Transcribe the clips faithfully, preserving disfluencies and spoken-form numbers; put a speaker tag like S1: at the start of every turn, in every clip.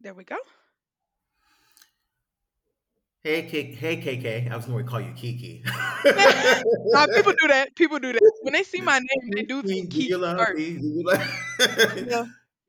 S1: There we go.
S2: Hey, K- hey, K K. I was going to call you Kiki.
S1: Nah, people
S2: Kiki,
S1: do that, people do that. When they see my name, they
S2: do
S1: do think
S2: you
S1: Kiki
S2: love
S1: first.
S2: me? Do you love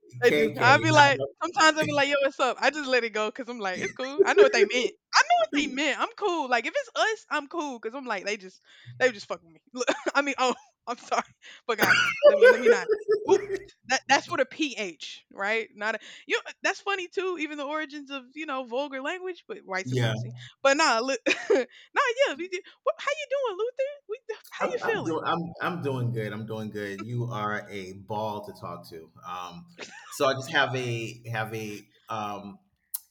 S1: They do.
S2: K K?
S1: I'll be like,
S2: Not
S1: sometimes I'll be like, yo, what's up? I just let it go because I'm like, it's cool. I know what they meant. I know what they meant. I'm cool. Like if it's us, I'm cool because I'm like they just they just fucking me. Look, I mean, oh, I'm sorry, but God, let me let me not. Oops, that that's what a ph, right? Not a you. Know, that's funny too. Even the origins of you know vulgar language, but white
S2: yeah,
S1: supremacy. But nah, look, nah, yeah. we did- What, how you doing, Luther? We, how
S2: I'm,
S1: you
S2: I'm doing.
S1: feeling?
S2: I'm I'm doing good. I'm doing good. You are a ball to talk to. Um, so I just have a have a um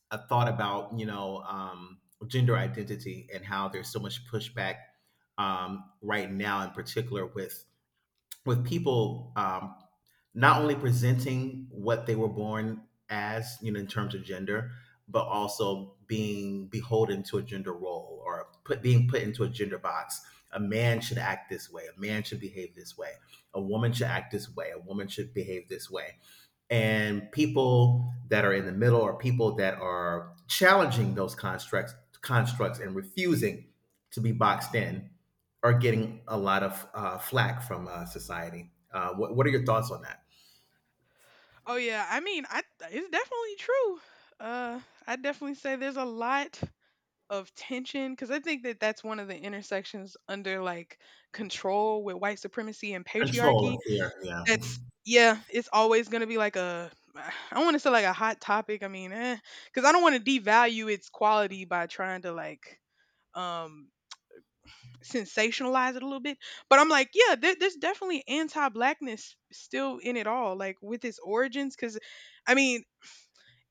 S2: a thought about you know um gender identity and how there's so much pushback um right now, in particular with with people um, not only presenting what they were born as, you know, in terms of gender, but also being beholden to a gender role, or put being put into a gender box. A man should act this way. A man should behave this way. A woman should act this way. A woman should behave this way, and people that are in the middle, or people that are challenging those constructs constructs and refusing to be boxed in, are getting a lot of uh, flack from uh, society. Uh, what, what are your thoughts on that?
S1: Oh yeah, I mean, I it's definitely true. Uh, I definitely say there's a lot of tension because I think that that's one of the intersections under like control with white supremacy and
S2: Control
S1: patriarchy.
S2: and fear. Yeah.
S1: That's yeah, it's always gonna be like a I don't want to say like a hot topic. I mean, eh, because I don't want to devalue its quality by trying to like um sensationalize it a little bit. But I'm like, yeah, there, there's definitely anti-blackness still in it all, like with its origins, because I mean,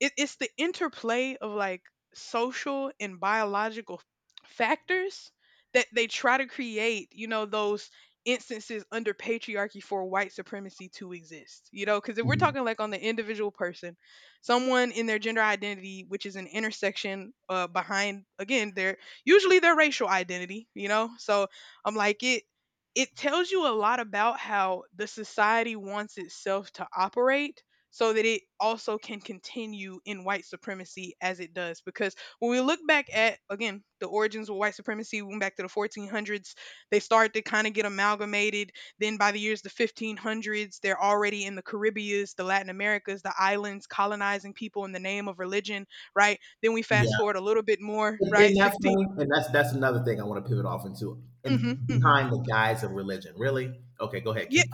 S1: it, it's the interplay of like social and biological factors that they try to create you know those instances under patriarchy for white supremacy to exist, you know, because if we're
S2: Mhm.
S1: talking like on the individual person, someone in their gender identity, which is an intersection uh, behind again their usually their racial identity, you know. So I'm like it it tells you a lot about how the society wants itself to operate so that it also can continue in white supremacy as it does. Because when we look back at, again, the origins of white supremacy, we went back to the fourteen hundreds, they started to kind of get amalgamated. Then by the years the fifteen hundreds, they're already in the Caribbeans, the Latin Americas, the islands, colonizing people in the name of religion, right? Then we fast
S2: Yeah.
S1: forward a little bit more,
S2: Isn't
S1: right?
S2: that
S1: sixteen.
S2: funny? And that's that's another thing I want to pivot off into.
S1: hmm
S2: And
S1: hmm
S2: behind the guise of religion, really? Okay, go ahead.
S1: Yeah,
S2: Keep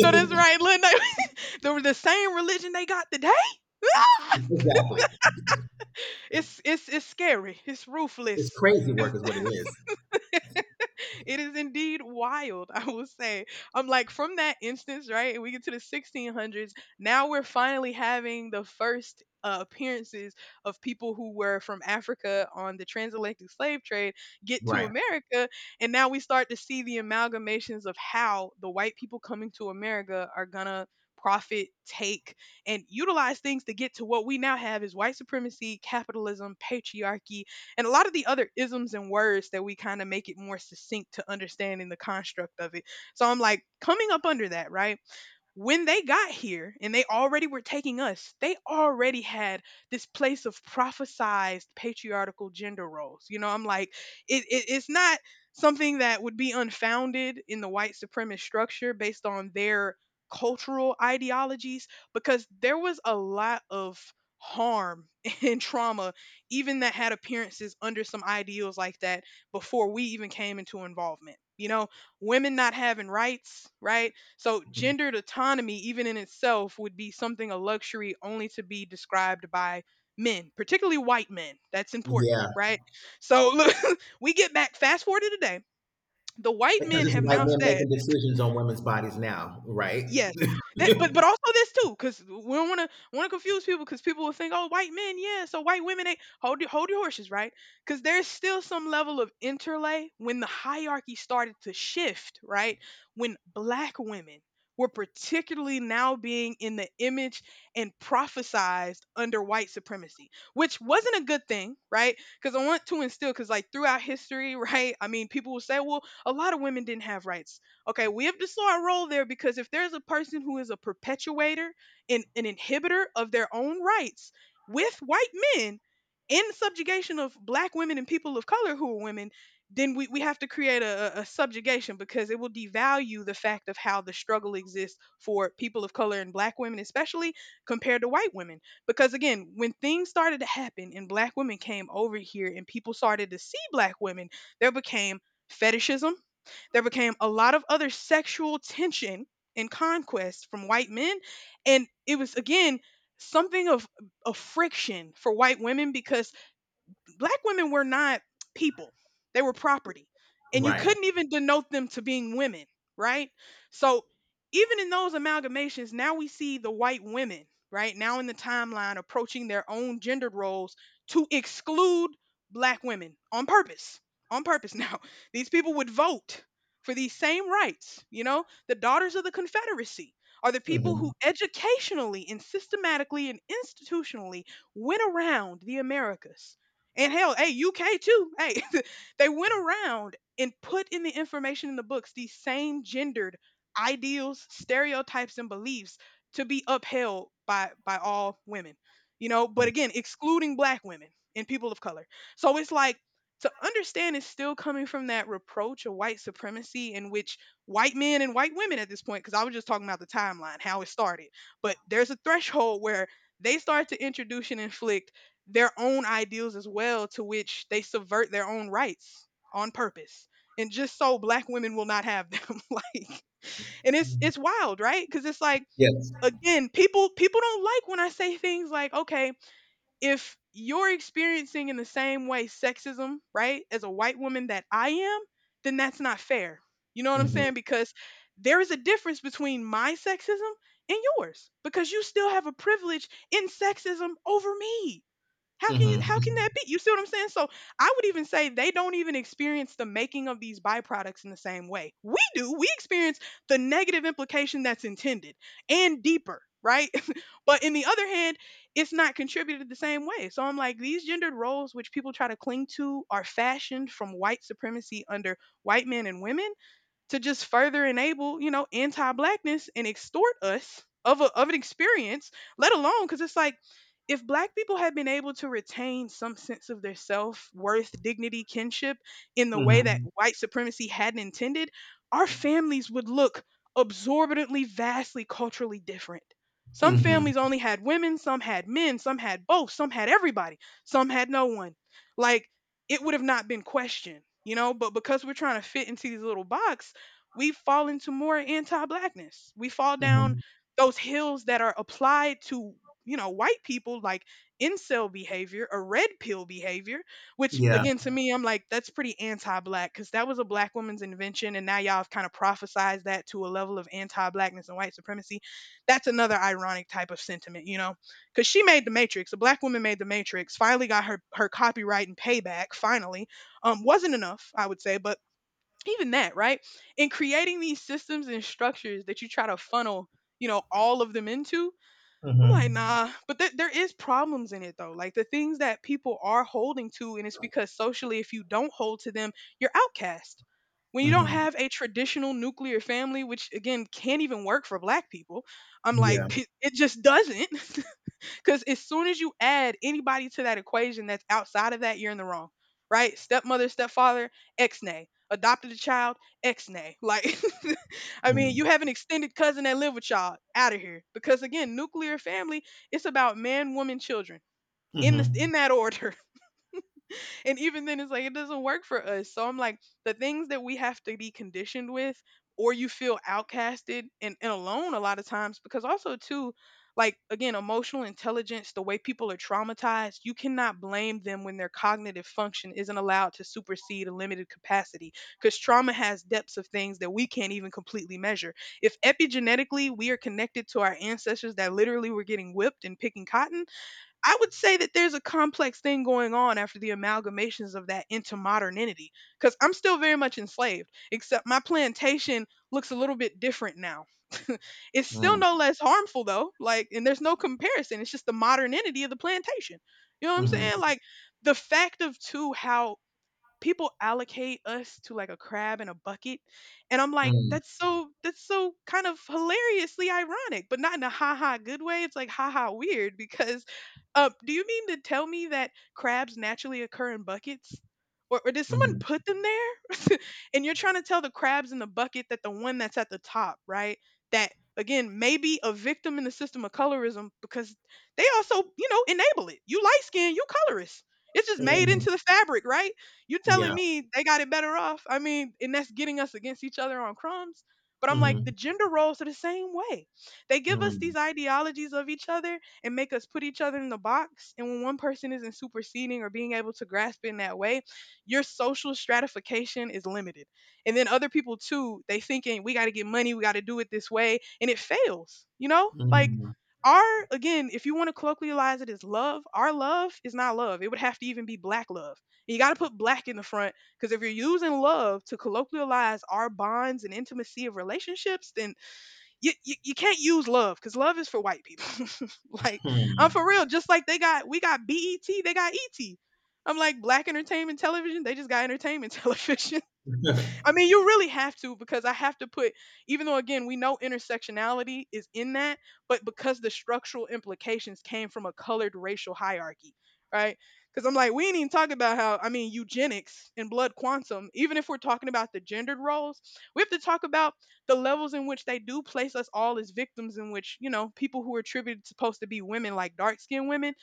S1: no, that's right. Lil they were the same religion they got today.
S2: Exactly.
S1: It's it's it's scary. It's
S2: It's
S1: ruthless.
S2: crazy
S1: 'Cause
S2: work, is what it is.
S1: it is indeed wild, I will say. I'm like from that instance, right? And we get to the sixteen hundreds. Now we're finally having the first uh, appearances of people who were from Africa on the transatlantic slave trade get to
S2: Right.
S1: America, and now we start to see the amalgamations of how the white people coming to America are gonna profit, take, and utilize things to get to what we now have is white supremacy, capitalism, patriarchy, and a lot of the other isms and words that we kind of make it more succinct to understanding the construct of it. So I'm like coming up under that, right? When they got here and they already were taking us, they already had this place of prophesized patriarchal gender roles. You know, I'm like, it, it, it's not something that would be unfounded in the white supremacist structure based on their cultural ideologies, because there was a lot of harm and trauma, even that had appearances under some ideals like that before we even came into involvement. You know, women not having rights, right? So, gendered autonomy, even in itself, would be something a luxury only to be described by men, particularly white men. That's important,
S2: Yeah.
S1: right? So, look, we get back, fast forward to today. The white
S2: Because
S1: men
S2: it's
S1: have
S2: white
S1: now
S2: men
S1: said.
S2: making decisions on women's bodies now, right?
S1: Yes, that but but also this too, because we don't wanna wanna confuse people, because people will think, "Oh, white men, yeah, so white women, they" hold your hold your horses, right? Because there's still some level of interlay when the hierarchy started to shift, right? When black women were particularly now being in the image and prophesized under white supremacy, which wasn't a good thing, right? Because I want to instill, because like throughout history, right? I mean, people will say, "Well, a lot of women didn't have rights." Okay, we have to saw our role there because if there's a person who is a perpetuator and an inhibitor of their own rights with white men in subjugation of black women and people of color who are women, then we, we have to create a a subjugation because it will devalue the fact of how the struggle exists for people of color and black women, especially compared to white women. Because again, when things started to happen and black women came over here and people started to see black women, there became fetishism, there became a lot of other sexual tension and conquest from white men. And it was, again, something of a friction for white women because black women were not people. They were property. And you
S2: Right.
S1: couldn't even denote them to being women, right? So even in those amalgamations, now we see the white women, right? Now in the timeline approaching their own gendered roles to exclude black women on purpose. On purpose now. These people would vote for these same rights, you know? The daughters of the Confederacy are the people
S2: Mhm.
S1: who educationally and systematically and institutionally went around the Americas and hell, hey, U K too. Hey, they went around and put in the information in the books these same gendered ideals, stereotypes, and beliefs to be upheld by by all women. You know, but again, excluding black women and people of color. So it's like to understand is still coming from that reproach of white supremacy in which white men and white women at this point, because I was just talking about the timeline, how it started. But there's a threshold where they start to introduce and inflict their own ideals as well, to which they subvert their own rights on purpose. And just so black women will not have them. Like, and it's
S2: Mhm.
S1: it's wild, right? Because it's like
S2: Yes.
S1: again, people people don't like when I say things like, okay, if you're experiencing in the same way sexism, right, as a white woman that I am, then that's not fair. You know what I'm
S2: Mhm.
S1: saying? Because there is a difference between my sexism and yours because you still have a privilege in sexism over me. How can you
S2: Mhm.
S1: how can that be? You see what I'm saying? So I would even say they don't even experience the making of these byproducts in the same way. We do. We experience the negative implication that's intended and deeper, right? But in the other hand, it's not contributed the same way. So I'm like, these gendered roles which people try to cling to are fashioned from white supremacy under white men and women to just further enable, you know, anti-blackness and extort us of a, of an experience, let alone because it's like if black people had been able to retain some sense of their self-worth, dignity, kinship in the way that
S2: Mhm.
S1: white supremacy hadn't intended, our families would look absorbently vastly culturally different. Some
S2: Mhm.
S1: families only had women, some had men, some had both, some had everybody, some had no one. Like it would have not been questioned, you know, but because we're trying to fit into these little boxes we fall into more anti-blackness. We fall down
S2: Mhm.
S1: those hills that are applied to, you know, white people like incel behavior or red pill behavior, which
S2: Yeah.
S1: again to me I'm like that's pretty anti-black cuz that was a black woman's invention and now y'all have kind of prophesized that to a level of anti-blackness and white supremacy. That's another ironic type of sentiment, you know, because she made the matrix, a black woman made the matrix, finally got her her copyright and payback finally um wasn't enough, I would say. But even that, right? In creating these systems and structures that you try to funnel, you know, all of them into, I'm like,
S2: Mhm.
S1: nah. But there there is problems in it though. Like the things that people are holding to, and it's because socially, if you don't hold to them, you're outcast. When you don't
S2: Mhm.
S1: have a traditional nuclear family, which again can't even work for black people, I'm like,
S2: Yeah.
S1: it just doesn't. Because as soon as you add anybody to that equation that's outside of that, you're in the wrong, right? Stepmother, stepfather, ex nay. Adopted a child, ex nay. Like, I mean, you
S2: Mhm.
S1: have an extended cousin that live with y'all out of here. Because again, nuclear family, it's about man, woman, children in this
S2: Mhm.
S1: in that order. And even then, it's like it doesn't work for us. So I'm like, the things that we have to be conditioned with, or you feel outcasted and, and alone a lot of times, because also, too, like again, emotional intelligence, the way people are traumatized, you cannot blame them when their cognitive function isn't allowed to supersede a limited capacity. Because trauma has depths of things that we can't even completely measure. If epigenetically we are connected to our ancestors that literally were getting whipped and picking cotton, I would say that there's a complex thing going on after the amalgamations of that into modernity because I'm still very much enslaved, except my plantation looks a little bit different now. It's still no
S2: Mhm.
S1: less harmful though, like, and there's no comparison. It's just the modernity of the plantation. You know what I'm
S2: Mhm.
S1: saying? Like, the fact of too how people allocate us to like a crab in a bucket, and I'm like,
S2: Mhm.
S1: that's so that's so kind of hilariously ironic, but not in a ha-ha good way. It's like ha-ha weird, because uh, do you mean to tell me that crabs naturally occur in buckets, or, or did someone
S2: Mhm.
S1: put them there? And you're trying to tell the crabs in the bucket that the one that's at the top, right, that again may be a victim in the system of colorism because they also, you know, enable it. You light skin, you colorist. It's just made
S2: Mhm.
S1: into the fabric, right? You
S2: Yeah.
S1: telling me they got it better off? I mean, and that's getting us against each other on crumbs. But I'm like,
S2: Mhm.
S1: the gender roles are the same way. They give us these
S2: Mhm.
S1: ideologies of each other and make us put each other in the box. And when one person isn't superseding or being able to grasp it in that way, your social stratification is limited. And then other people too, they thinking we got to get money, we got to do it this way, and it fails. You know, like
S2: Mhm.
S1: our, again, if you want to colloquialize it as love, our love is not love. It would have to even be black love. You got to put black in the front, because if you're using love to colloquialize our bonds and intimacy of relationships, then you, you, you can't use love because love is for white people. Like, I'm for
S2: Mhm.
S1: real. Just like they got, we got B E T, they got E T. I'm like, black entertainment television, they just got entertainment television. I
S2: Mhm.
S1: mean, you really have to, because I have to put, even though again, we know intersectionality is in that, but because the structural implications came from a colored racial hierarchy, right? Because I'm like, we ain't even talking about how, I mean, eugenics and blood quantum, even if we're talking about the gendered roles, we have to talk about the levels in which they do place us all as victims, in which, you know, people who are attributed supposed to be women, like dark skinned women,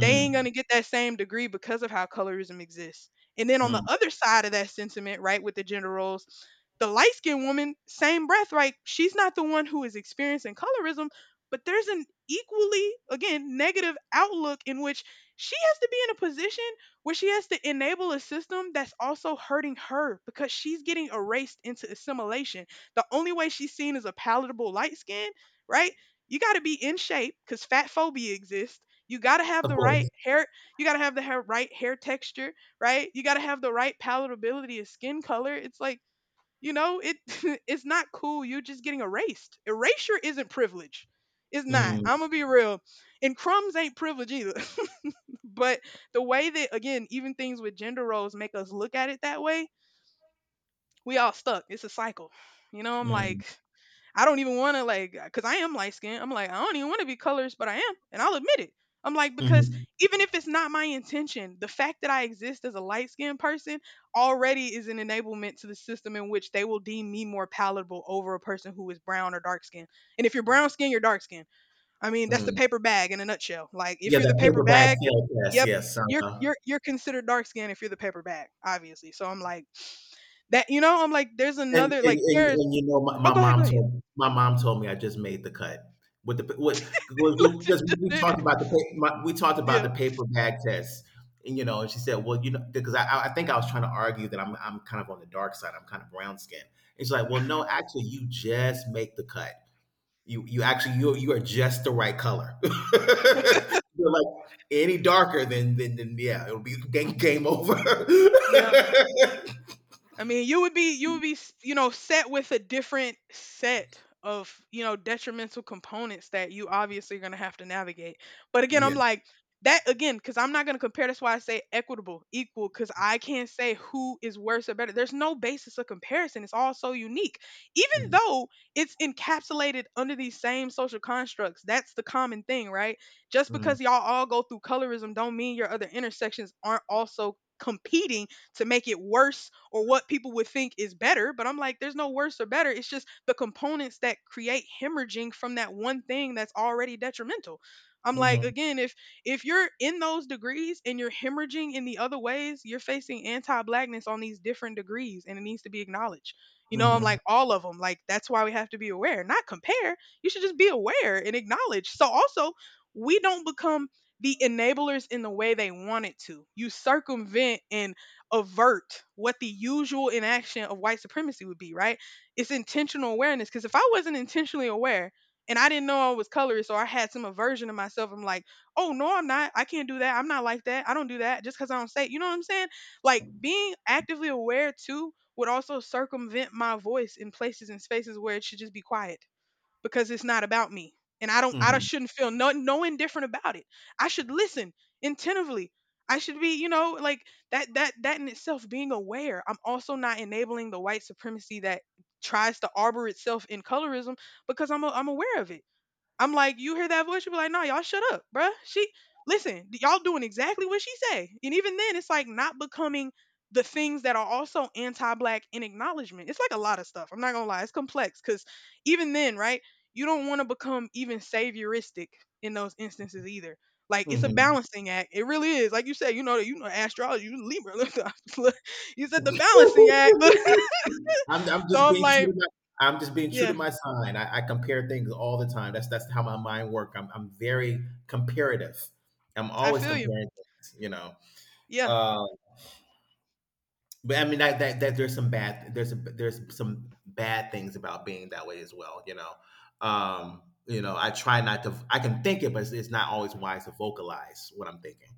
S1: they ain't going to get that same degree because of how colorism exists. And then on the other side of that sentiment, right, with the gender roles, the light skinned woman, same breath, right? She's not the one who is experiencing colorism, but there's an equally, again, negative outlook in which she has to be in a position where she has to enable a system that's also hurting her because she's getting erased into assimilation. The only way she's seen as a palatable light skin, right? You got to be in shape because fat phobia exists. You got to have
S2: Of
S1: the right
S2: course.
S1: hair. You got to have the hair, right hair texture, right? You got to have the right palatability of skin color. It's like, you know, it it's not cool. You're just getting erased. Erasure isn't privilege. It's not.
S2: Mm.
S1: I'm going to be real. And crumbs ain't privilege either. But the way that, again, even things with gender roles make us look at it that way, we all stuck. It's a cycle. You know, I'm
S2: Mm.
S1: like, I don't even want to like, uh, cause I am light skinned. I'm like, I don't even want to be colorist, but I am, and I'll admit it. I'm like, because
S2: Mm.
S1: even if it's not my intention, the fact that I exist as a light skinned person already is an enablement to the system in which they will deem me more palatable over a person who is brown or dark skinned. And if you're brown skinned, you're dark skinned. I mean, that's the
S2: Mm.
S1: paper bag in a nutshell. Like, if
S2: Yeah,
S1: you're the
S2: that
S1: paper
S2: paperback
S1: bag,
S2: field test.
S1: yep,
S2: Yes.
S1: you're
S2: Uh-huh.
S1: you're you're considered dark skinned if you're the paper bag, obviously. So I'm like, that, you know, I'm like there's
S2: And
S1: another,
S2: and
S1: like
S2: and
S1: there's,
S2: and you know, my
S1: oh,
S2: my
S1: go ahead,
S2: mom
S1: go ahead.
S2: told my mom told me I just made the cut with the p with because we we
S1: Yeah.
S2: talked about the pa my we talked about
S1: Yeah.
S2: the paper bag test, and, you know, and she said, "Well, you know," because I I I think I was trying to argue that I'm I'm kind of on the dark side, I'm kind of brown-skinned. And she's like, "Well, no, actually, you just make the cut. You you actually you you are just the right color." You're like, "Any darker than than than yeah, it'll be game game over."
S1: Yeah. I mean, you would be, you would be s- you know, set with a different set of, you know, detrimental components that you obviously are going to have to navigate. But again,
S2: Yeah.
S1: I'm like that again, because I'm not going to compare. That's why I say equitable, equal, because I can't say who is worse or better. There's no basis of comparison. It's all so unique, even
S2: Mhm.
S1: though it's encapsulated under these same social constructs. That's the common thing, right? Just
S2: Mhm.
S1: because y'all all go through colorism, don't mean your other intersections aren't also competing to make it worse or what people would think is better. But I'm like, there's no worse or better. It's just the components that create hemorrhaging from that one thing that's already detrimental. I'm like,
S2: Mhm.
S1: again, if if you're in those degrees and you're hemorrhaging in the other ways, you're facing anti-blackness on these different degrees, and it needs to be acknowledged. You know, I'm
S2: Mhm.
S1: like all of them. Like that's why we have to be aware, not compare. You should just be aware and acknowledge. So also, we don't become the enablers in the way they want it to. You circumvent and avert what the usual inaction of white supremacy would be, right? It's intentional awareness. Because if I wasn't intentionally aware and I didn't know I was colorist or I had some aversion to myself, I'm like, oh, no, I'm not. I can't do that. I'm not like that. I don't do that just because I don't say, it." You know what I'm saying? Like being actively aware too would also circumvent my voice in places and spaces where it should just be quiet because it's not about me. And I don't I don't-
S2: Mhm.
S1: shouldn't feel no no indifferent about it. I should listen attentively. I should be, you know, like that that that in itself being aware. I'm also not enabling the white supremacy that tries to arbor itself in colorism because I'm a, I'm aware of it. I'm like, you hear that voice? You be like, no, y'all shut up, bruh. She listen, y'all doing exactly what she say. And even then, it's like not becoming the things that are also anti-black in acknowledgement. It's like a lot of stuff. I'm not gonna lie, it's complex because even then, right? You don't want to become even savioristic in those instances either. Like it's a
S2: Mhm.
S1: balancing act. It really is. Like you said, you know that you know astrology, you Libra. Look, look, you said the balancing act.
S2: I'm I'm
S1: So
S2: just
S1: I'm
S2: being true
S1: like,
S2: to my I'm just being true
S1: yeah,
S2: to my sign. I, I compare things all the time. That's that's how my mind works. I'm I'm very comparative. I'm
S1: I
S2: always
S1: feel you.
S2: comparing things, you know.
S1: Yeah,
S2: Uh, but I mean that, that that there's some bad there's a, there's some bad things about being that way as well. You know. Um, you know, I try not to. I can think it, but it's, it's not always wise to vocalize what I'm thinking,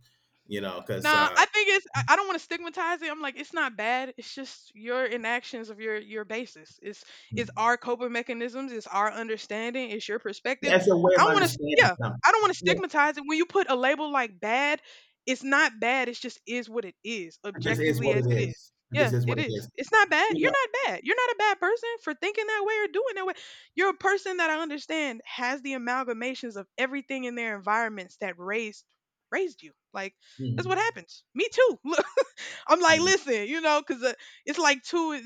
S2: you know, because
S1: nah,
S2: uh
S1: I think it's. I I don't want to stigmatize it. I'm like, it's not bad. It's just your inactions of your your basis. It's it's our coping mechanisms. It's our understanding. It's your perspective.
S2: As a way
S1: I
S2: of
S1: don't want to.
S2: understanding
S1: Yeah,
S2: something.
S1: I don't want to
S2: Yeah,
S1: stigmatize it. When you put a label like bad, it's not bad. It's just is what it is,
S2: it just is
S1: objectively
S2: what
S1: as
S2: it
S1: it is.
S2: is. It just
S1: Yeah,
S2: is what
S1: it
S2: it
S1: is.
S2: is.
S1: It's not bad.
S2: You
S1: You're
S2: know?
S1: not bad. You're not a bad person for thinking that way or doing that way. You're a person that I understand has the amalgamations of everything in their environments that raised raised you. Like that's what
S2: Mhm.
S1: happens. Me too. Look, I'm like,
S2: Mhm.
S1: listen, you know, because uh, it's like too.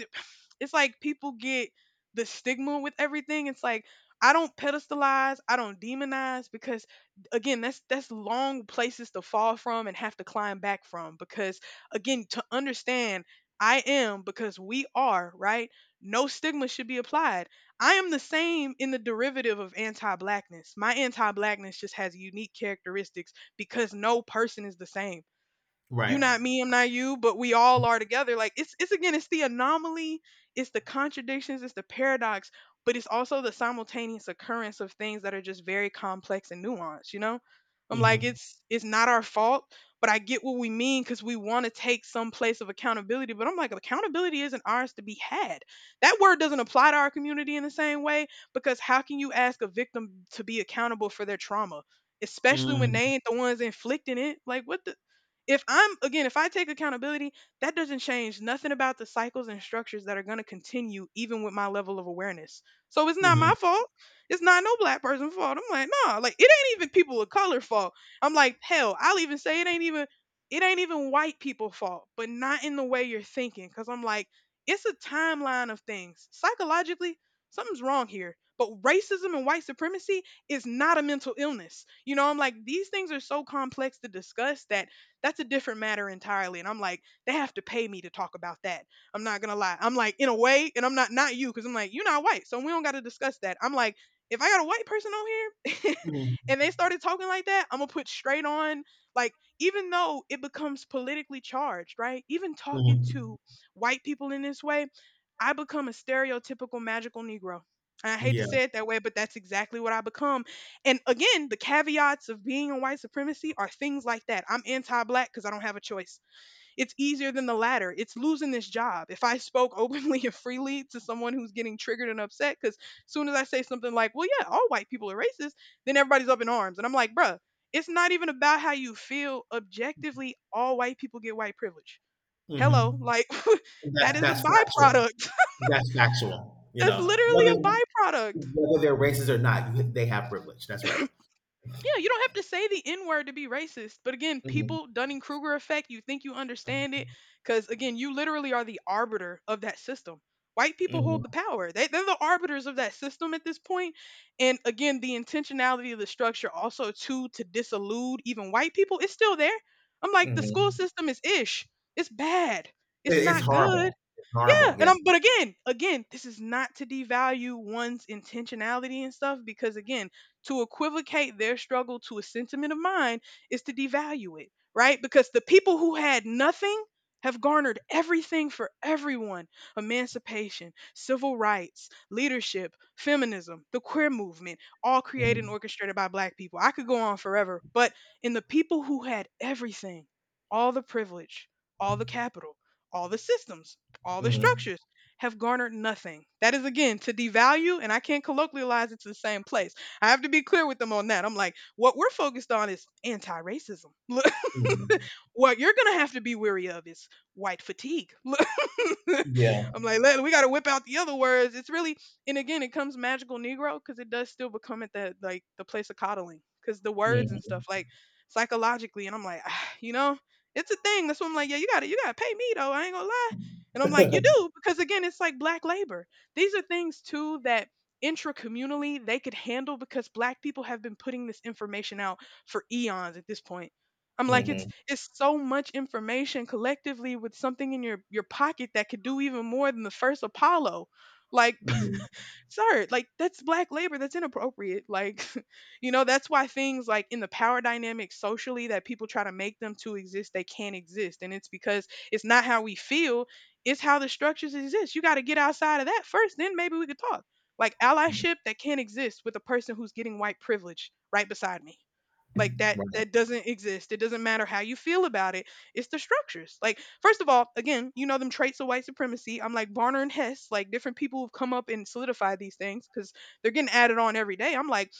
S1: It's like people get the stigma with everything. It's like I don't pedestalize, I don't demonize because again, that's that's long places to fall from and have to climb back from. Because again, to understand. I am because we are, right? No stigma should be applied. I am the same in the derivative of anti blackness. My anti blackness just has unique characteristics because no person is the same. You
S2: Right.
S1: not me, I'm not you, but we all are together. Like it's it's again, it's the anomaly, it's the contradictions, it's the paradox, but it's also the simultaneous occurrence of things that are just very complex and nuanced, you know? I'm like
S2: Mhm.
S1: it's it's not our fault, but I get what we mean because we want to take some place of accountability. But I'm like, accountability isn't ours to be had. That word doesn't apply to our community in the same way because how can you ask a victim to be accountable for their trauma? Especially when
S2: Mm.
S1: they ain't the ones inflicting it. Like what the if I'm, again, if I take accountability, that doesn't change nothing about the cycles and structures that are going to continue even with my level of awareness. So it's not my
S2: Mhm.
S1: fault. It's not no black person's fault. I'm like, nah, like it ain't even people of color fault. I'm like, hell, I'll even say it ain't even it ain't even white people fault, but not in the way you're thinking. Cause I'm like, it's a timeline of things. Psychologically, something's wrong here. But racism and white supremacy is not a mental illness. You know, I'm like, these things are so complex to discuss that that's a different matter entirely. And I'm like, they have to pay me to talk about that. I'm not gonna lie. I'm like, in a way, and I'm not not you, because I'm like, you're not white, so we don't gotta discuss that. I'm like, if I got a white person on here and they
S2: Mhm.
S1: started talking like that, I'm gonna put straight on like even though it becomes politically charged, right? Even talking
S2: Mhm.
S1: to white people in this way, I become a stereotypical magical Negro. And I hate to
S2: Yeah.
S1: say it that way, but that's exactly what I become. And again, the caveats of being a white supremacy are things like that. I'm anti black because I don't have a choice. It's easier than the latter. It's losing this job. If I spoke openly and freely to someone who's getting triggered and upset, because as soon as I say something like, well, yeah, all white people are racist, then everybody's up in arms. And I'm like, bruh, it's not even about how you feel. Objectively, all white people get white privilege. Hello,
S2: Mhm.
S1: like
S2: That's
S1: that is a
S2: that's factual.
S1: byproduct.
S2: That's factual. You
S1: That's
S2: know,
S1: literally
S2: whether
S1: a byproduct.
S2: whether they're racist or not, you- they have privilege. That's right.
S1: Yeah, you don't have to say the N word to be racist. But again,
S2: Mhm.
S1: people, Dunning Kruger effect, you think you understand it. Because again, you literally are the arbiter of that system. White people
S2: Mhm.
S1: hold the power, they, they're the arbiters of that system at this point. And again, the intentionality of the structure also, too, to disillude even white people, it's still there. I'm like, the school
S2: Mhm.
S1: system is ish, it's bad,
S2: It,
S1: it's
S2: it's
S1: not good.
S2: horrible. It's horrible.
S1: Yeah,
S2: Yeah.
S1: and I'm but again, again, this is not to devalue one's intentionality and stuff because again, to equivocate their struggle to a sentiment of mine is to devalue it, right? Because the people who had nothing have garnered everything for everyone emancipation, civil rights, leadership, feminism, the queer movement, all created and
S2: Mhm.
S1: orchestrated by black people. I could go on forever, but in the people who had everything, all the privilege, all the capital, all the systems, all the
S2: Mhm.
S1: structures have garnered nothing. That is again to devalue, and I can't colloquialize it to the same place. I have to be clear with them on that. I'm like, what we're focused on is anti racism.
S2: Mhm.
S1: What you're gonna have to be weary of is white fatigue.
S2: Yeah.
S1: I'm like, "Let- we gotta whip out the other words. It's really, and again, it comes magical Negro because it does still become at that like the place of coddling because the words and
S2: Mhm.
S1: stuff like psychologically. And I'm like, "Ah, you know, it's a thing. That's what I'm like, yeah, you gotta, you gotta pay me though. I ain't gonna lie. And I'm like, you do because again, it's like black labor. These are things too that intracommunally they could handle because black people have been putting this information out for eons at this point. I'm like, it's
S2: Mhm.
S1: it's so much information collectively with something in your your pocket that could do even more than the first Apollo. Like,
S2: Mhm.
S1: sir, like that's black labor. That's inappropriate. Like, you know, that's why things like in the power dynamics socially that people try to make them to exist, they can't exist. And it's because it's not how we feel, it's how the structures exist. You got to get outside of that first, then maybe we could talk. Like allyship that can't exist with a person who's getting white privilege right beside me. Like that
S2: Right.
S1: that doesn't exist. It doesn't matter how you feel about it. It's the structures. Like first of all, again, you know them traits of white supremacy. I'm like Barner and Hess, like different people who've come up and solidified these things cuz they're getting added on every day. I'm like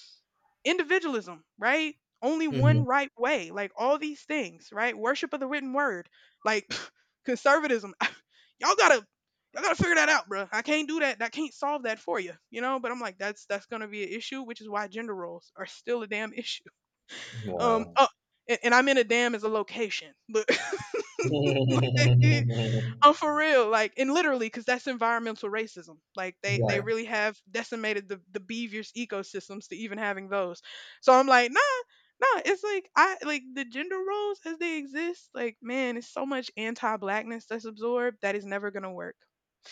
S1: individualism, right? Only
S2: Mm-hmm.
S1: one right way. Like all these things, right? Worship of the written word. Like conservatism. Y'all got to y'all gotta figure that out, bro. I can't do that. I can't solve that for you, you know. But I'm like, that's that's gonna be an issue, which is why gender roles are still a damn issue. Um,
S2: Wow.
S1: oh, and, and I'm in a dam as a location, but I'm for real, like, and literally, because that's environmental racism. Like, they they
S2: Right.
S1: really have decimated the the beavers ecosystems to even having those. So I'm like, nah, nah. It's like I like the gender roles as they exist. Like, man, it's so much anti-blackness that's absorbed that is never gonna work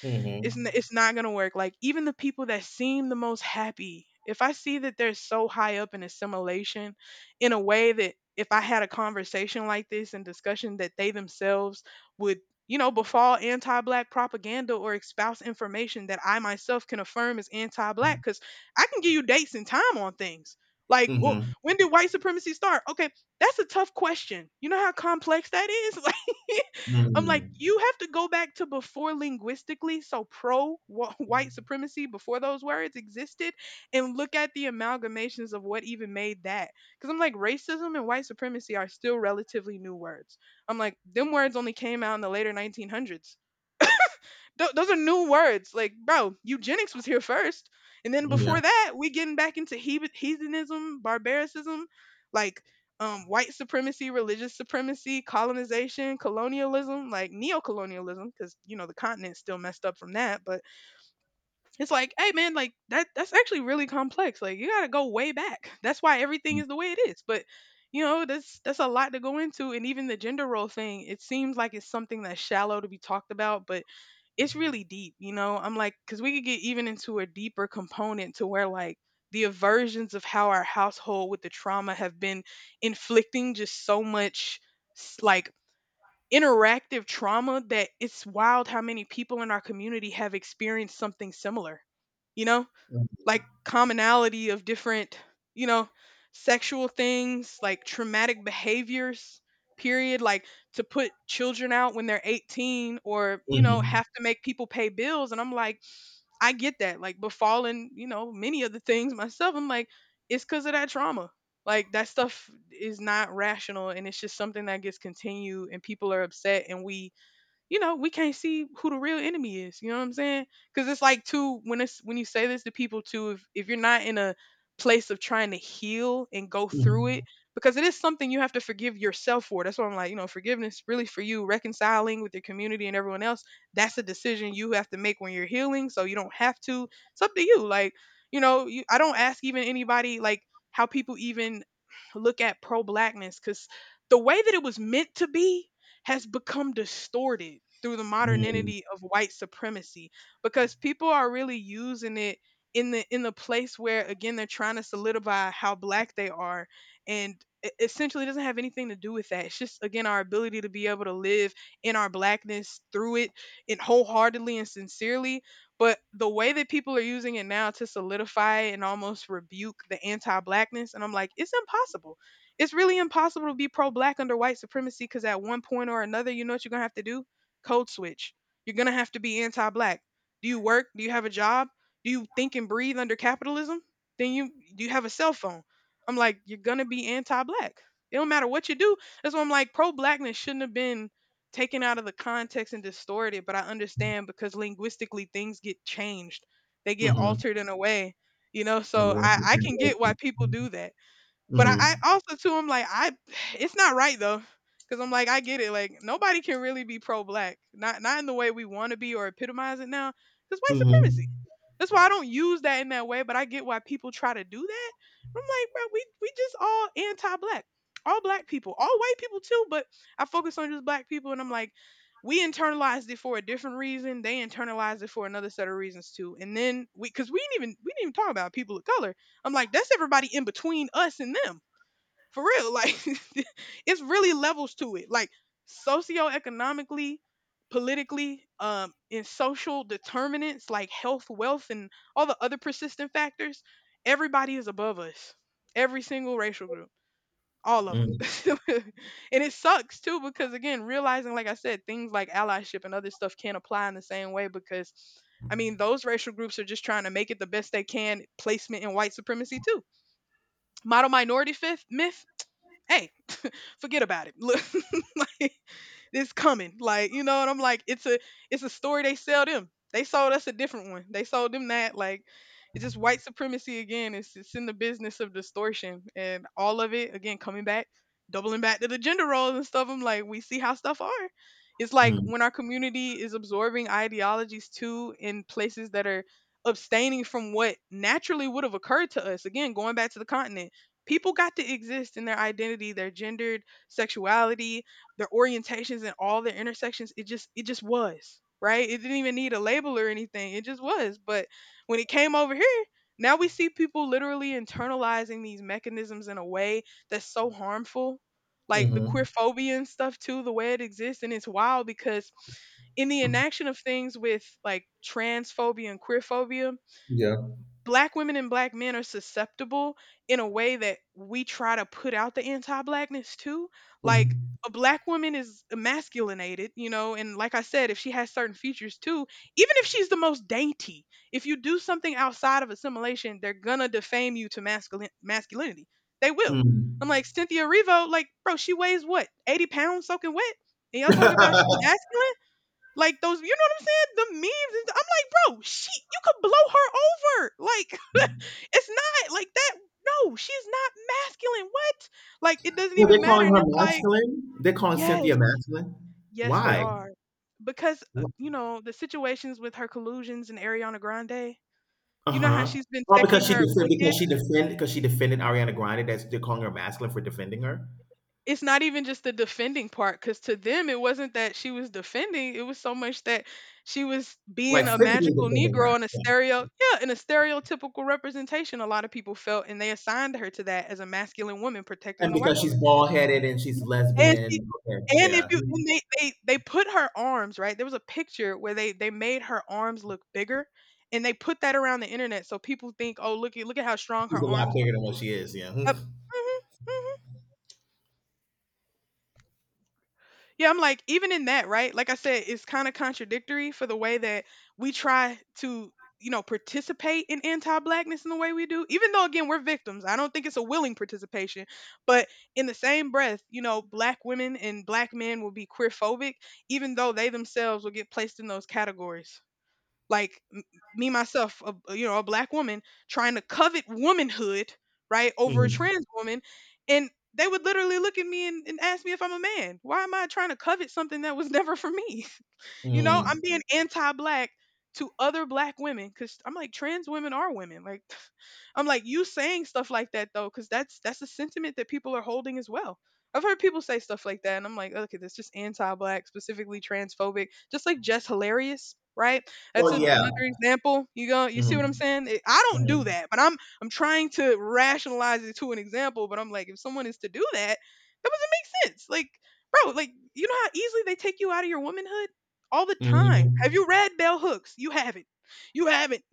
S2: Mhm.
S1: it's n- it's not gonna work. Like even the people that seem the most happy, if I see that they're so high up in assimilation, in a way that if I had a conversation like this and discussion that they themselves would, you know, befall anti-black propaganda or espouse information that I myself can affirm is anti-black, because I can give you dates and time on things. Like, well,
S2: Mhm.
S1: when did white supremacy start? Okay, that's a tough question. You know how complex that is. Like, I'm like,
S2: Mm.
S1: you have to go back to before linguistically, so pro wh- white supremacy before those words existed, and look at the amalgamations of what even made that. Because I'm like, racism and white supremacy are still relatively new words. I'm like, them words only came out in the later nineteen hundreds. Th- those are new words. Like, bro, eugenics was here first, and then
S2: Yeah.
S1: before that, we getting back into hebe- heathenism, barbaricism, like um, white supremacy, religious supremacy, colonization, colonialism, like neocolonialism, because you know the continent's still messed up from that, but it's like, hey man, like that that's actually really complex. Like you gotta go way back. That's why everything
S2: Mm.
S1: is the way it is. But you know, that's that's a lot to go into. And even the gender role thing, it seems like it's something that's shallow to be talked about, but it's really deep, you know. I'm like, because we could get even into a deeper component to where like the aversions of how our household with the trauma have been inflicting just so much s- like interactive trauma that it's wild how many people in our community have experienced something similar, you know, like commonality of different, you know, sexual things like traumatic behaviors period like to put children out when they're eighteen or you know
S2: Mhm.
S1: have to make people pay bills and I'm like I get that. Like befalling, you know, many of the things myself. I'm like, it's because of that trauma. Like that stuff is not rational and it's just something that gets continued and people are upset and we, you know, we can't see who the real enemy is. You know what I'm saying? Because it's like too when it's when you say this to people too, if if you're not in a place of trying to heal and go through it,
S2: Mm.
S1: because it is something you have to forgive yourself for. That's why I'm like, you know, forgiveness really for you, reconciling with your community and everyone else. That's a decision you have to make when you're healing. So you don't have to. It's up to you. Like, you know, you, I don't ask even anybody like how people even look at pro blackness because the way that it was meant to be has become distorted through the
S2: Mm.
S1: modernity of white supremacy because people are really using it in the in the place where again they're trying to solidify how black they are, and e- essentially it doesn't have anything to do with that. It's just again our ability to be able to live in our blackness through it, and wholeheartedly and sincerely, but the way that people are using it now to solidify and almost rebuke the anti-blackness, and I'm like it's impossible. It's really impossible to be pro black under white supremacy because at one point or another, you know what you're going to have to do? Code switch. You're going to have to be anti black. Do you work? Do you have a job? Do you think and breathe under capitalism? Then you do you have a cell phone? I'm like, you're going to be anti black. It don't matter what you do. That's why I'm like, pro blackness shouldn't have been taken out of the context and distorted, but I understand because linguistically things get changed. They get
S2: Mhm.
S1: altered in a way, you know,
S2: The
S1: so
S2: loss
S1: I,
S2: in
S1: I can get why
S2: translation.
S1: people do that. But I, I
S2: Mhm.
S1: also too, I'm like, I, it's not right though, because I'm like, I get it. Like nobody can really be pro-black, not not in the way we want to be or epitomize it now, because white supremacy.
S2: Mhm.
S1: That's why I don't use that in that way. But I get why people try to do that. I'm like, bro, we we just all anti-black, all black people, all white people too. But I focus on just black people, and I'm like, we internalized it for a different reason. They internalized it for another set of reasons too. And then we, because we didn't even we didn't even talk about people of color. I'm like, that's everybody in between us and them. For real, like it's really levels to it. Like socioeconomically, politically, um, in social determinants like health, wealth, and all the other persistent factors, everybody is above us. Every single racial group, all of
S2: Mm.
S1: them, and it sucks too because again, realizing like I said, things like allyship and other stuff can't apply in the same way because. I mean, those racial groups are just trying to make it the best they can placement in white supremacy too, model minority fifth myth, hey, forget about it. Look, like, it's coming. Like, you know, and I'm like, it's a it's a story they sell them. They sold us a different one. They sold them that. Like, it's just white supremacy again. It's it's in the business of distortion. And all of it, again, coming back, doubling back to the gender roles and stuff. I'm like, we see how stuff are. It's like
S2: Mm.
S1: when our community is absorbing ideologies too in places that are abstaining from what naturally would have occurred to us. Again, going back to the continent, people got to exist in their identity, their gendered sexuality, their orientations and all their intersections. It just it just was right. It didn't even need a label or anything, it just was. But when it came over here, now we see people literally internalizing these mechanisms in a way that's so harmful, like the queer
S2: Mhm.
S1: phobia and stuff too, the way it exists. And it's wild because in the enaction of things with like transphobia and queerphobia,
S2: Yeah.
S1: black women and black men are susceptible in a way that we try to put out the anti-blackness too. Like
S2: Mhm.
S1: a black woman is emasculinated, you know, and like I said, if she has certain features too, even if she's the most dainty, if you do something outside of assimilation, they're gonna defame you to masculine masculinity. They will. I'm
S2: Mm.
S1: like Cynthia Revo, like, bro, she weighs what, eighty pounds soaking wet? And y'all talk about she masculine? Like those, you know what I'm saying? The memes. And th- I'm like, bro, she, you could blow her over. Like, it's not like that. No, she's not masculine. What? Like, it doesn't
S2: Well, they're
S1: even matter.
S2: calling
S1: And
S2: her
S1: it's like,
S2: masculine. They're calling
S1: yes,
S2: Cynthia masculine.
S1: yes, they
S2: Why?
S1: are. Because, uh, you know, the situations with her collusions and Ariana Grande,
S2: Uh
S1: you know how
S2: huh.
S1: she's been
S2: Oh, because
S1: texting
S2: she
S1: her
S2: defend because
S1: Wicked?
S2: she defend because she defended Ariana Grande. That's They're calling her masculine for defending her.
S1: It's not even just the defending part, because to them it wasn't that she was defending, it was so much that she was
S2: Like,
S1: being a
S2: physically
S1: magical
S2: defending her,
S1: negro and a
S2: yeah.
S1: stereo yeah and a stereotypical representation, a lot of people felt, and they assigned her to that as a masculine woman protecting
S2: And
S1: the white
S2: because she's
S1: woman.
S2: bald headed and she's
S1: And she
S2: lesbian, okay,
S1: and if
S2: yeah,
S1: you, and they, they they put her arms right, there was a picture where they they made her arms look bigger, and they put that around the internet so people think, oh, look at look at how strong
S2: she's
S1: her
S2: a lot
S1: arms
S2: bigger than
S1: are.
S2: what she is, yeah.
S1: Yep. Hmm. Yeah, I'm like, even in that, right? Like I said, it's kind of contradictory for the way that we try to, you know, participate in anti blackness in the way we do, even though, again, we're victims. I don't think it's a willing participation. But in the same breath, you know, black women and black men will be queerphobic, even though they themselves will get placed in those categories. like m- Me myself, a, a- you know, a black woman trying to covet womanhood, right, over a
S2: Mm.
S1: trans woman, and they would literally look at me and, and ask me if I'm a man, why am I trying to covet something that was never for me. You know,
S2: Mm.
S1: I'm being anti-black to other black women because I'm like, trans women are women. Like, I'm like, you saying stuff like that though, because that's that's a sentiment that people are holding as well. I've heard people say stuff like that, and I'm like, okay, that's just anti-black, specifically transphobic. Just like Jess Hilarious, right? That's
S2: Oh
S1: another
S2: yeah.
S1: example. You go, you see what I'm
S2: Mhm.
S1: saying? It- I don't do
S2: Mhm.
S1: that, but I'm I'm trying to rationalize it to an example. But I'm like, if someone is to do that, that doesn't make sense. Like, bro, like you know how easily they take you out of your womanhood all the time. Have
S2: Mhm.
S1: you read Bell Hooks? You haven't. You haven't.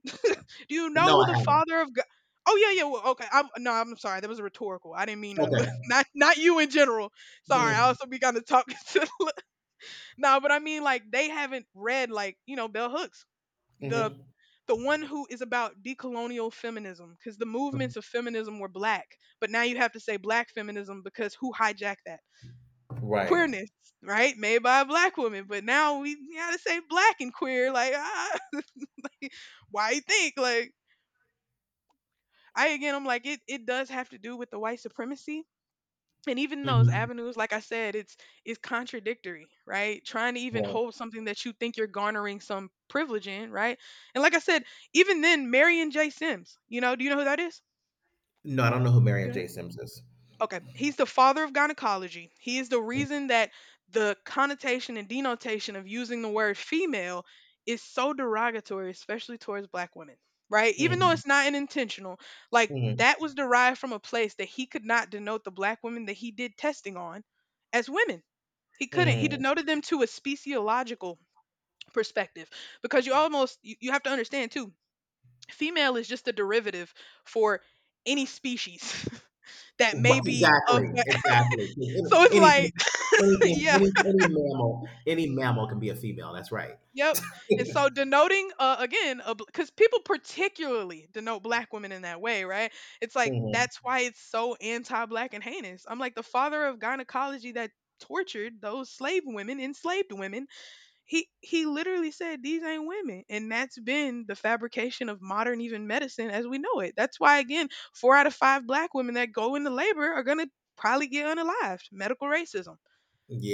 S1: Do you know
S2: No,
S1: who
S2: I
S1: the
S2: haven't.
S1: father of God? Oh yeah, yeah. Well, okay. I'm no. I'm sorry. That was a rhetorical. I didn't mean to.
S2: Okay.
S1: Not not you in general. Sorry. I
S2: Mhm.
S1: also be kind of talking to. No, but I mean like they haven't read like you know Bell Hooks, the
S2: Mhm.
S1: the one who is about decolonial feminism, because the movements of feminism were black, but now you have to say black feminism because who hijacked that?
S2: Right.
S1: Queerness, right? Made by a black woman, but now we gotta say black and queer. Like, ah, why you think? Like, I, again, I'm like, it it does have to do with the white supremacy. And even those
S2: Mhm.
S1: avenues, like I said, it's it's contradictory, right? Trying to even
S2: Right.
S1: hold something that you think you're garnering some privilege in, right? And like I said, even then, Marion J. Sims, you know, do you know who that is?
S2: No, I don't know who Marion J. Sims is.
S1: Okay, he's the father of gynecology. He is the reason that the connotation and denotation of using the word female is so derogatory, especially towards black women, right? Even though
S2: Mm.
S1: it's not an intentional, like,
S2: Mhm.
S1: that was derived from a place that he could not denote the black women that he did testing on as women. He couldn't. He
S2: Mm.
S1: denoted them to a speciological perspective, because you almost you, you have to understand too. Female is just a derivative for any species that
S2: Right,
S1: may be of,
S2: exactly, exactly. 'Cause
S1: so it's
S2: any-
S1: like
S2: Anything, anything,
S1: yeah,
S2: any any mammal, any mammal can be a female. That's right.
S1: yep. And so denoting, uh, again, because people particularly denote black women in that way, right, it's like
S2: Mhm.
S1: that's why it's so anti-black and heinous. I'm like, the father of gynecology that tortured those slave women, enslaved women, he he literally said these ain't women, and that's been the fabrication of modern even medicine as we know it. That's why, again, four out of five black women that go into labor are going to probably get unalived, medical racism,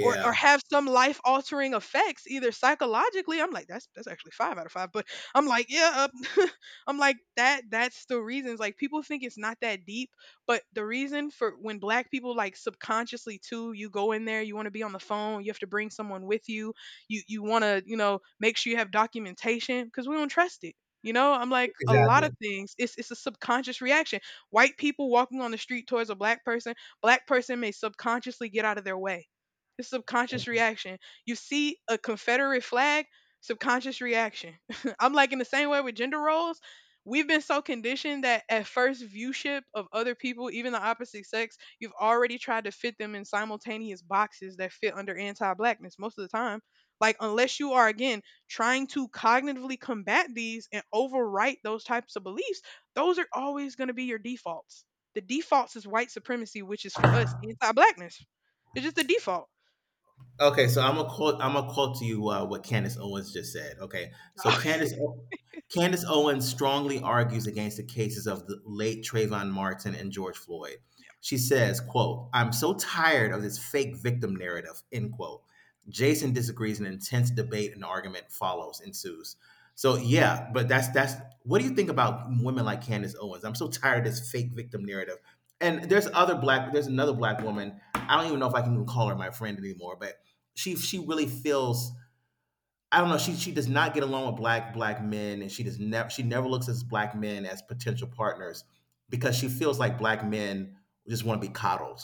S1: or or have some life altering effects, either psychologically. I'm like, that's that's actually five out of five. But I'm like, yeah, uh, I'm like, that that's the reasons like people think it's not that deep. But the reason for when black people like subconsciously too, you go in there, you want to be on the phone, you have to bring someone with you, you you want to, you know, make sure you have documentation cuz we don't trust it. You know, I'm like a lot
S2: Exactly.
S1: of things. It's it's a subconscious reaction. White people walking on the street towards a black person, black person may subconsciously get out of their way, it's subconscious reaction. You see a Confederate flag, subconscious reaction. I'm like, in the same way with gender roles. We've been so conditioned that at first viewship of other people, even the opposite sex, you've already tried to fit them in simultaneous boxes that fit under anti blackness most of the time. Like, unless you are, again, trying to cognitively combat these and overwrite those types of beliefs, those are always going to be your defaults. The defaults is white supremacy, which is for us anti blackness. It's just the default.
S2: Okay, so I'm gonna quote. I'm gonna quote to you uh, what Candace Owens just said. Okay, so Candace O- Candace Owens strongly argues against the cases of the late Trayvon Martin and George Floyd. She says, "Quote, I'm so tired of this fake victim narrative. End quote." Jason disagrees, and intense debate and argument follows ensues. So yeah, but that's that's. What do you think about women like Candace Owens? I'm so tired of this fake victim narrative. And there's other black. There's another black woman. I don't even know if I can even call her my friend anymore, but she she really feels, I don't know. She she does not get along with black black men, and she does never she never looks at black men as potential partners because she feels like black men just want to be coddled.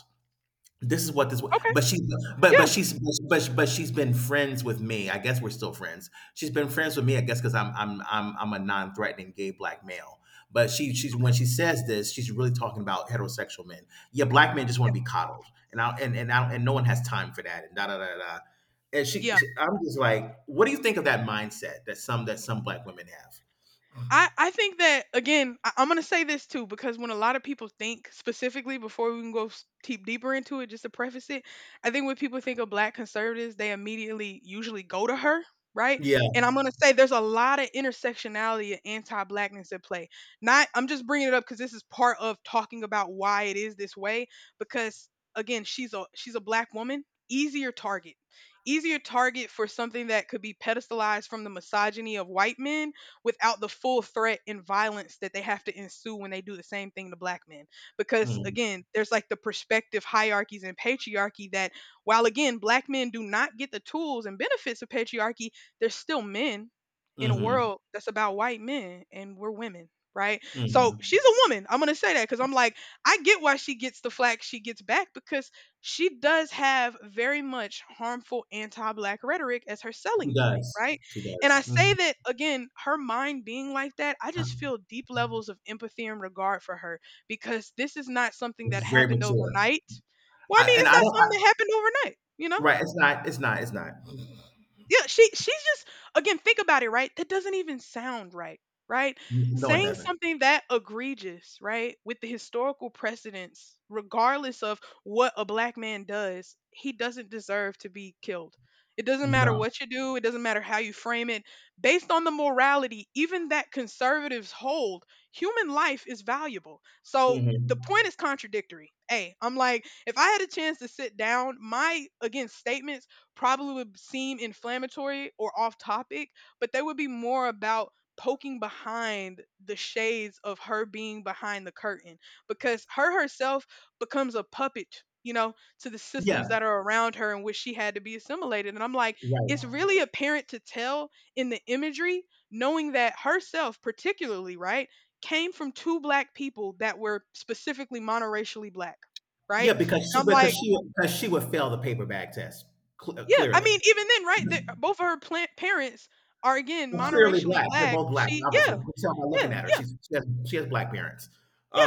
S2: This is what this was,
S1: Okay.
S2: but she but but
S1: Yeah.
S2: she's but but she's been friends with me. I guess we're still friends. She's been friends with me, I guess, because I 'cause I'm I'm I'm I'm a non-threatening gay black male. But she she's when she says this, she's really talking about heterosexual men. Yeah, black men just
S1: Yeah.
S2: wanna be coddled, and I and and I and no one has time for that, and da da da da. And she
S1: Yeah.
S2: I'm just like, what do you think of that mindset that some that some black women have?
S1: I, I think that again, I, i'm going to say this too, because when a lot of people think specifically, before we can go s- deep deeper into it, just to preface it, I think when people think of black conservatives, they immediately usually go to her, right?
S2: Yeah.
S1: And I'm going to say there's a lot of intersectionality and anti-blackness at play. Not, I'm just bringing it up because this is part of talking about why it is this way. Because again, she's a she's a black woman. Easier target. Easier target for something that could be pedestalized from the misogyny of white men without the full threat and violence that they have to ensue when they do the same thing to black men. Because
S2: Mhm.
S1: again, there's like the perspective hierarchies and patriarchy that, while again, black men do not get the tools and benefits of patriarchy, they're still men in a
S2: Mhm.
S1: world that's about white men and we're women. Right. So
S2: Mhm.
S1: she's a woman. I'm going to say that because I'm like, I get why she gets the flack she gets back, because she does have very much harmful anti black rhetoric as her
S2: She
S1: selling point.
S2: does.
S1: Right.
S2: She
S1: And I
S2: does.
S1: say
S2: Mhm.
S1: that again, her mind being like that, I just feel deep levels of empathy and regard for her because this is not something that
S2: It's very
S1: happened
S2: mature.
S1: overnight. Well, I
S2: I
S1: mean,
S2: and
S1: it's
S2: I
S1: not
S2: don't.
S1: something that happened overnight, you know?
S2: Right, it's not it's not it's not.
S1: Yeah, she she's just, again, think about it, right? That doesn't even sound right, right?
S2: No, it
S1: Saying
S2: doesn't.
S1: something that egregious, right, with the historical precedence, regardless of what a black man does, he doesn't deserve to be killed. It doesn't matter
S2: No.
S1: what you do, it doesn't matter how you frame it. Based on the morality, even that conservatives hold, human life is valuable. So the
S2: Mhm.
S1: point is contradictory. Hey, I'm like, if I had a chance to sit down, my, again, statements probably would seem inflammatory or off topic, but they would be more about poking behind the shades of her being behind the curtain, because her herself becomes a puppet, you know, to the
S2: Yeah,
S1: systems that are around her in which she had to be assimilated. And I'm like, it's
S2: right.
S1: really apparent to tell in the imagery, knowing that herself, particularly, right, came from two black people that were specifically monoracially black,
S2: Yeah,
S1: right?
S2: because
S1: And
S2: she
S1: I'm
S2: because
S1: like,
S2: she because she would fail the paper bag test, cl- uh,
S1: yeah, I
S2: clearly.
S1: mean, even then, right? The, both of her plant parents are, again,
S2: Well, clearly
S1: monoracially
S2: black. They're
S1: black.
S2: both black,
S1: She, yeah,
S2: obviously. You can tell by looking
S1: yeah,
S2: at her.
S1: yeah.
S2: She's she has, she has black parents.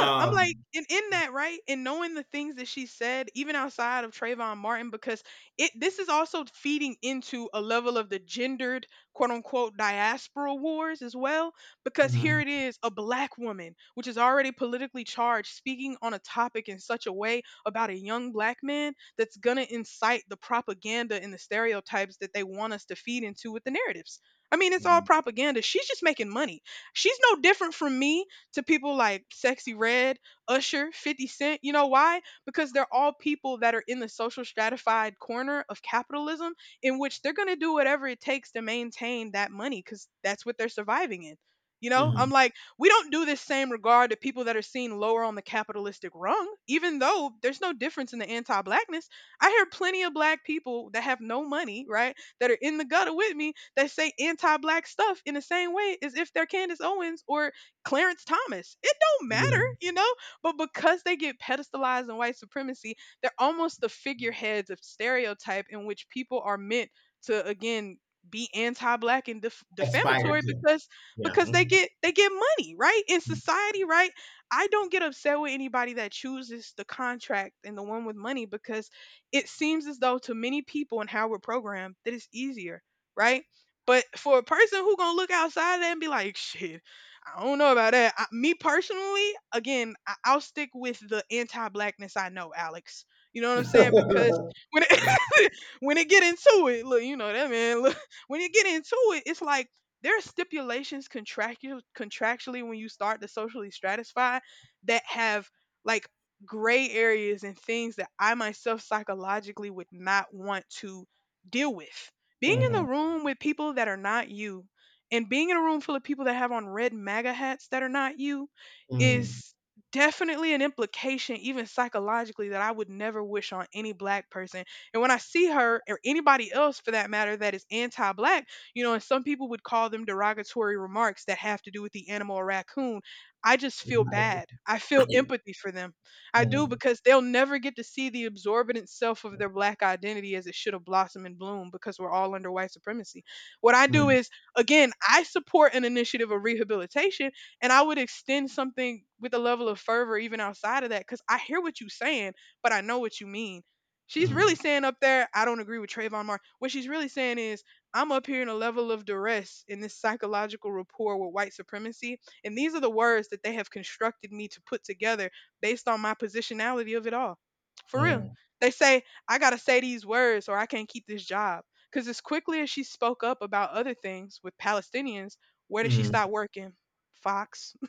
S1: Yeah, I'm like, and in that, right? And knowing the things that she said, even outside of Trayvon Martin, because it this is also feeding into a level of the gendered, quote unquote, diaspora wars as well. Because here
S2: mhm.
S1: it is, a black woman, which is already politically charged, speaking on a topic in such a way about a young black man that's gonna incite the propaganda and the stereotypes that they want us to feed into with the narratives. I mean, it's all
S2: Mhm.
S1: propaganda. She's just making money. She's no different from me to people like Sexy Red, Usher, fifty Cent. You know why? Because they're all people that are in the social stratified corner of capitalism in which they're going to do whatever it takes to maintain that money, because that's what they're surviving in. You know, I'm
S2: Mhm.
S1: like, we don't do this same regard to people that are seen lower on the capitalistic rung, even though there's no difference in the anti blackness. I hear plenty of black people that have no money, right, that are in the gutter with me, that say anti black stuff in the same way as if they're Candace Owens or Clarence Thomas. It don't matter,
S2: Yeah,
S1: you know? But because they get pedestalized in white supremacy, they're almost the figureheads of stereotype in which people are meant to, again, be anti-black and def-
S2: aspired
S1: defamatory,
S2: to.
S1: because
S2: Yeah.
S1: because they get they get money, right, in society, right? I don't get upset with anybody that chooses the contract and the one with money, because it seems as though to many people and how we're programmed that it's easier, right? But for a person who gonna look outside of that and be like, shit, I don't know about that. I, me personally, again, I, I'll stick with the anti-blackness I know, Alex. You know what I'm saying? Because when it, when it get into it, look, you know that man. Look, when you get into it, it's like there are stipulations, contractual contractually, when you start to socially stratify, that have, like, gray areas and things that I myself psychologically would not want to deal with. Being in
S2: Hmm.
S1: the room with people that are not you, and being in a room full of people that have on red MAGA hats that are not you
S2: Mm.
S1: is definitely an implication, even psychologically, that I would never wish on any black person. And when I see her, or anybody else for that matter, that is anti black, you know, and some people would call them derogatory remarks that have to do with the animal or raccoon, I just feel
S2: Right.
S1: bad. I feel empathy for them. I do,
S2: Mhm.
S1: because they'll never get to see the absorbent self of their black identity as it should have blossomed and bloomed, because we're all under white supremacy. What I do
S2: Mm.
S1: is, again, I support an initiative of rehabilitation, and I would extend something with a level of fervor even outside of that, because I hear what you're saying, but I know what you mean. She's
S2: Mm.
S1: really saying up there, I don't agree with Trayvon Martin. What she's really saying is, I'm up here in a level of duress in this psychological rapport with white supremacy. And these are the words that they have constructed me to put together based on my positionality of it all. For real.
S2: Mm.
S1: They say, I got to say these words or I can't keep this job. Because as quickly as she spoke up about other things with Palestinians, where did she
S2: Mm.
S1: stop working? Fox.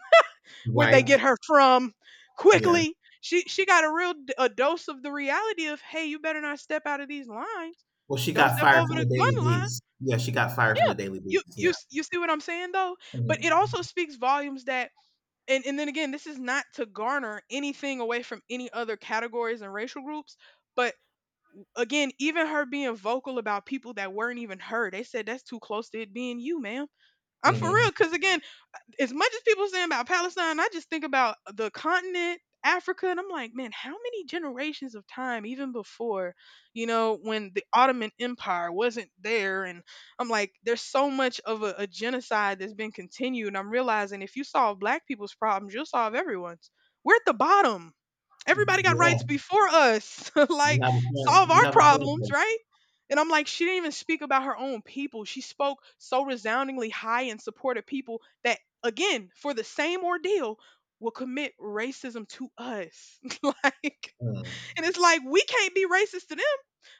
S1: Where'd they
S2: Right.
S1: get her from?
S2: Yeah.
S1: Quickly. She she got a real d- a dose of the reality of, hey, you better not step out of these lines.
S2: Well, she
S1: Don't
S2: got
S1: step
S2: fired
S1: over
S2: from
S1: the
S2: the Daily
S1: gun line.
S2: Beast. Yeah, she got fired from the
S1: Yeah.
S2: Daily
S1: You
S2: Beast.
S1: you
S2: Yeah.
S1: s- you see what I'm saying though? But it also
S2: Mm-hmm.
S1: speaks volumes that, and and then again, this is not to garner anything away from any other categories and racial groups, but, again, even her being vocal about people that weren't even her, they said that's too close to it being you, ma'am. I'm for
S2: Mm-hmm.
S1: real, because again, as much as people saying about Palestine, I just think about the continent, Africa, and I'm like, man, how many generations of time, even before, you know, when the Ottoman Empire wasn't there? And I'm like, there's so much of a, a genocide that's been continued. And I'm realizing if you solve black people's problems, you'll solve everyone's. We're at the bottom. Everybody got
S2: Yeah,
S1: rights before us.
S2: you
S1: Like,
S2: have a
S1: solve
S2: point. You
S1: our
S2: have a point there.
S1: problems, right? And I'm like, she didn't even speak about her own people. She spoke so resoundingly high in support of people that, again, for the same ordeal, will commit racism to us. Like,
S2: Mm.
S1: and it's like, we can't be racist to them.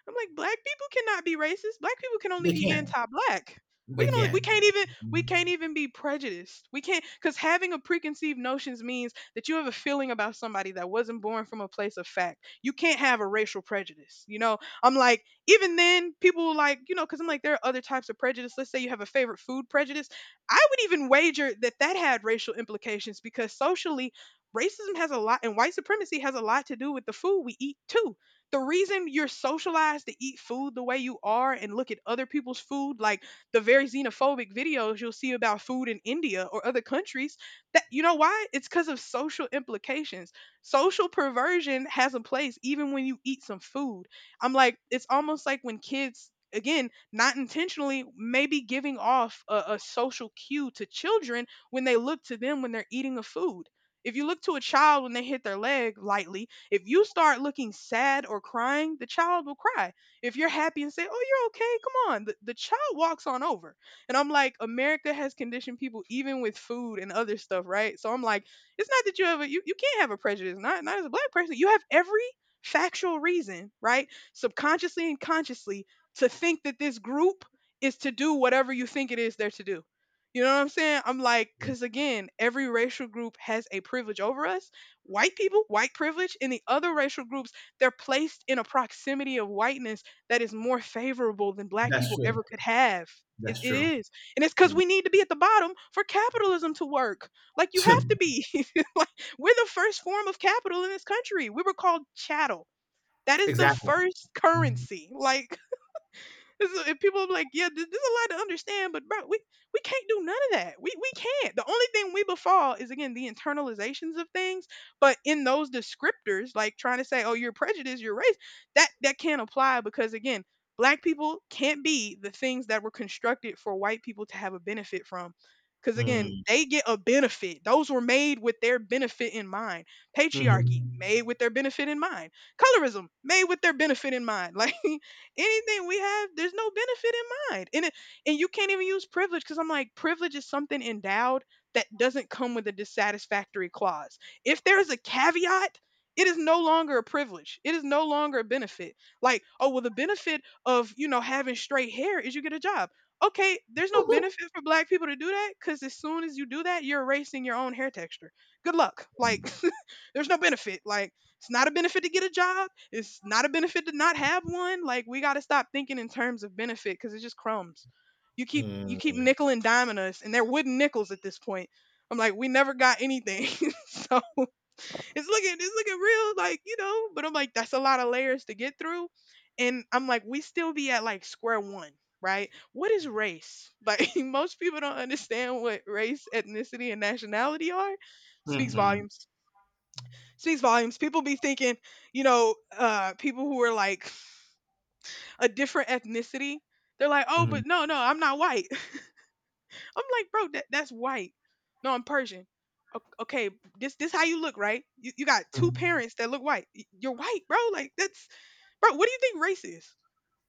S1: I'm like, black people cannot be racist. Black people can only
S2: They
S1: be
S2: can't.
S1: anti-black. We
S2: They
S1: can only we
S2: can't.
S1: can't even we can't even be prejudiced. We can't, because having a preconceived notions means that you have a feeling about somebody that wasn't born from a place of fact. You can't have a racial prejudice. You know, I'm like, even then people were like, you know, because I'm like, there are other types of prejudice. Let's say you have a favorite food prejudice. I would even wager that that had racial implications, because socially racism has a lot and white supremacy has a lot to do with the food we eat too. The reason you're socialized to eat food the way you are and look at other people's food, like the very xenophobic videos you'll see about food in India or other countries, that, you know why? It's because of social implications. Social perversion has a place even when you eat some food. I'm like, it's almost like when kids, again, not intentionally, maybe giving off a, a social cue to children, when they look to them when they're eating a food, if you look to a child when they hit their leg lightly, if you start looking sad or crying, the child will cry. If you're happy and say, "Oh, you're okay. Come on." The, the child walks on over. And I'm like, America has conditioned people even with food and other stuff, right? So I'm like, it's not that you have a you, you can't have a prejudice, not not as a black person. You have every factual reason, right? Subconsciously and consciously, to think that this group is to do whatever you think it is they're to do. You know what I'm saying? I'm like, because again, every racial group has a privilege over us white people, white privilege, and the other racial groups, they're placed in a proximity of whiteness that is more favorable than black
S2: That's
S1: people
S2: true.
S1: ever could have. It,
S2: That's
S1: it
S2: true.
S1: is. And it's because
S2: Mm.
S1: we need to be at the bottom for capitalism to work. Like, you have to be. Like, we're the first form of capital in this country. We were called chattel. That is the
S2: Exactly.
S1: first
S2: Mm.
S1: currency. Like, it's- if people are like, yeah, th- there's a lot to understand, but bro, we we can't do none of that. We we can't. The only thing we befall is again the internalizations of things. But in those descriptors, like trying to say, oh, you're prejudiced, you're race, that that can't apply because again, black people can't be the things that were constructed for white people to have a benefit from. Because again,
S2: Mm-hmm.
S1: they get a benefit. Those were made with their benefit in mind. Patriarchy made with their benefit in mind. Colorism made with their benefit in mind. Like, anything we have, there's no benefit in mind. And it, and you can't even use privilege because I'm like, privilege is something endowed that doesn't come with a dissatisfactory clause. If there is a caveat, it is no longer a privilege. It is no longer a benefit. Like, oh well, the benefit of you know having straight hair is you get a job. Okay, there's no benefit for black people to do that because as soon as you do that, you're erasing your own hair texture. Good luck. Like, there's no benefit. Like, it's not a benefit to get a job. It's not a benefit to not have one. Like, we got to stop thinking in terms of benefit because it's just crumbs. You keep you keep
S2: Mm.
S1: nickel and diming us, and they're wooden nickels at this point. I'm like, we never got anything. So it's looking it's looking real, like, you know. But I'm like, that's a lot of layers to get through, and I'm like, we still be at like square one. Right? What is race? Like, most people don't understand what race, ethnicity, and nationality are. Speaks
S2: Mm-mm.
S1: volumes speaks volumes. People be thinking, you know, uh, people who are like a different ethnicity, they're like, oh,
S2: Mm.
S1: but no, no, I'm not white. I'm like, bro, that, that's white. No, I'm Persian. O- Okay, this this how you look, right? You, you got two parents that look white. Y- You're white, bro. Like, that's bro. What do you think race is?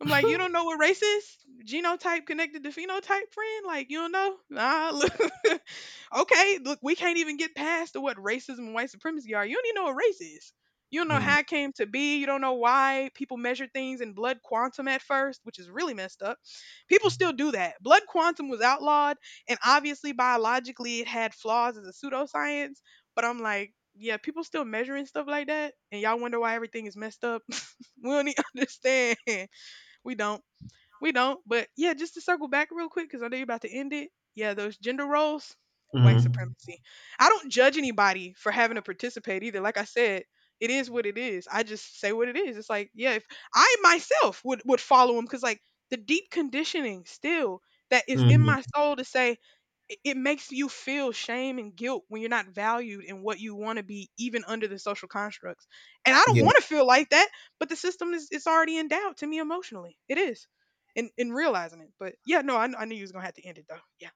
S1: I'm like, you don't know what race is? Genotype connected to phenotype, friend. Like, you don't know? Nah. Look. Okay, look, we can't even get past to what racism and white supremacy are. You don't even know what race is. You don't know
S2: Mm.
S1: how it came to be. You don't know why people measure things in blood quantum at first, which is really messed up. People still do that. Blood quantum was outlawed, and obviously biologically it had flaws as a pseudoscience. But I'm like, yeah, people still measuring stuff like that, and y'all wonder why everything is messed up. We don't even understand. We don't. We don't, but yeah, just to circle back real quick because I know you're about to end it. Yeah, those gender roles,
S2: Mm.
S1: white
S2: Mm.
S1: supremacy. I don't judge anybody for having to participate either. Like I said, it is what it is. I just say what it is. It's like, yeah, if I myself would would follow him because like the deep conditioning still that is in
S2: Mm.
S1: my soul to say, it it makes you feel shame and guilt when you're not valued in what you want to be even under the social constructs, and I don't
S2: Yeah.
S1: want to feel like that, but the system is, it's already endowed to me emotionally. It is, and and realizing it. But yeah, no, I, kn- I knew you was gonna have to end it though. Yeah,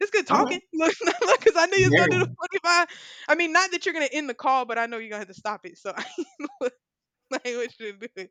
S1: it's good
S2: All
S1: talking.
S2: right.
S1: Look, look, because I knew you was gonna do the
S2: Very
S1: forty five. I mean, not that you're gonna end the call, but I know you're gonna have to stop it. So I was like, we should do it.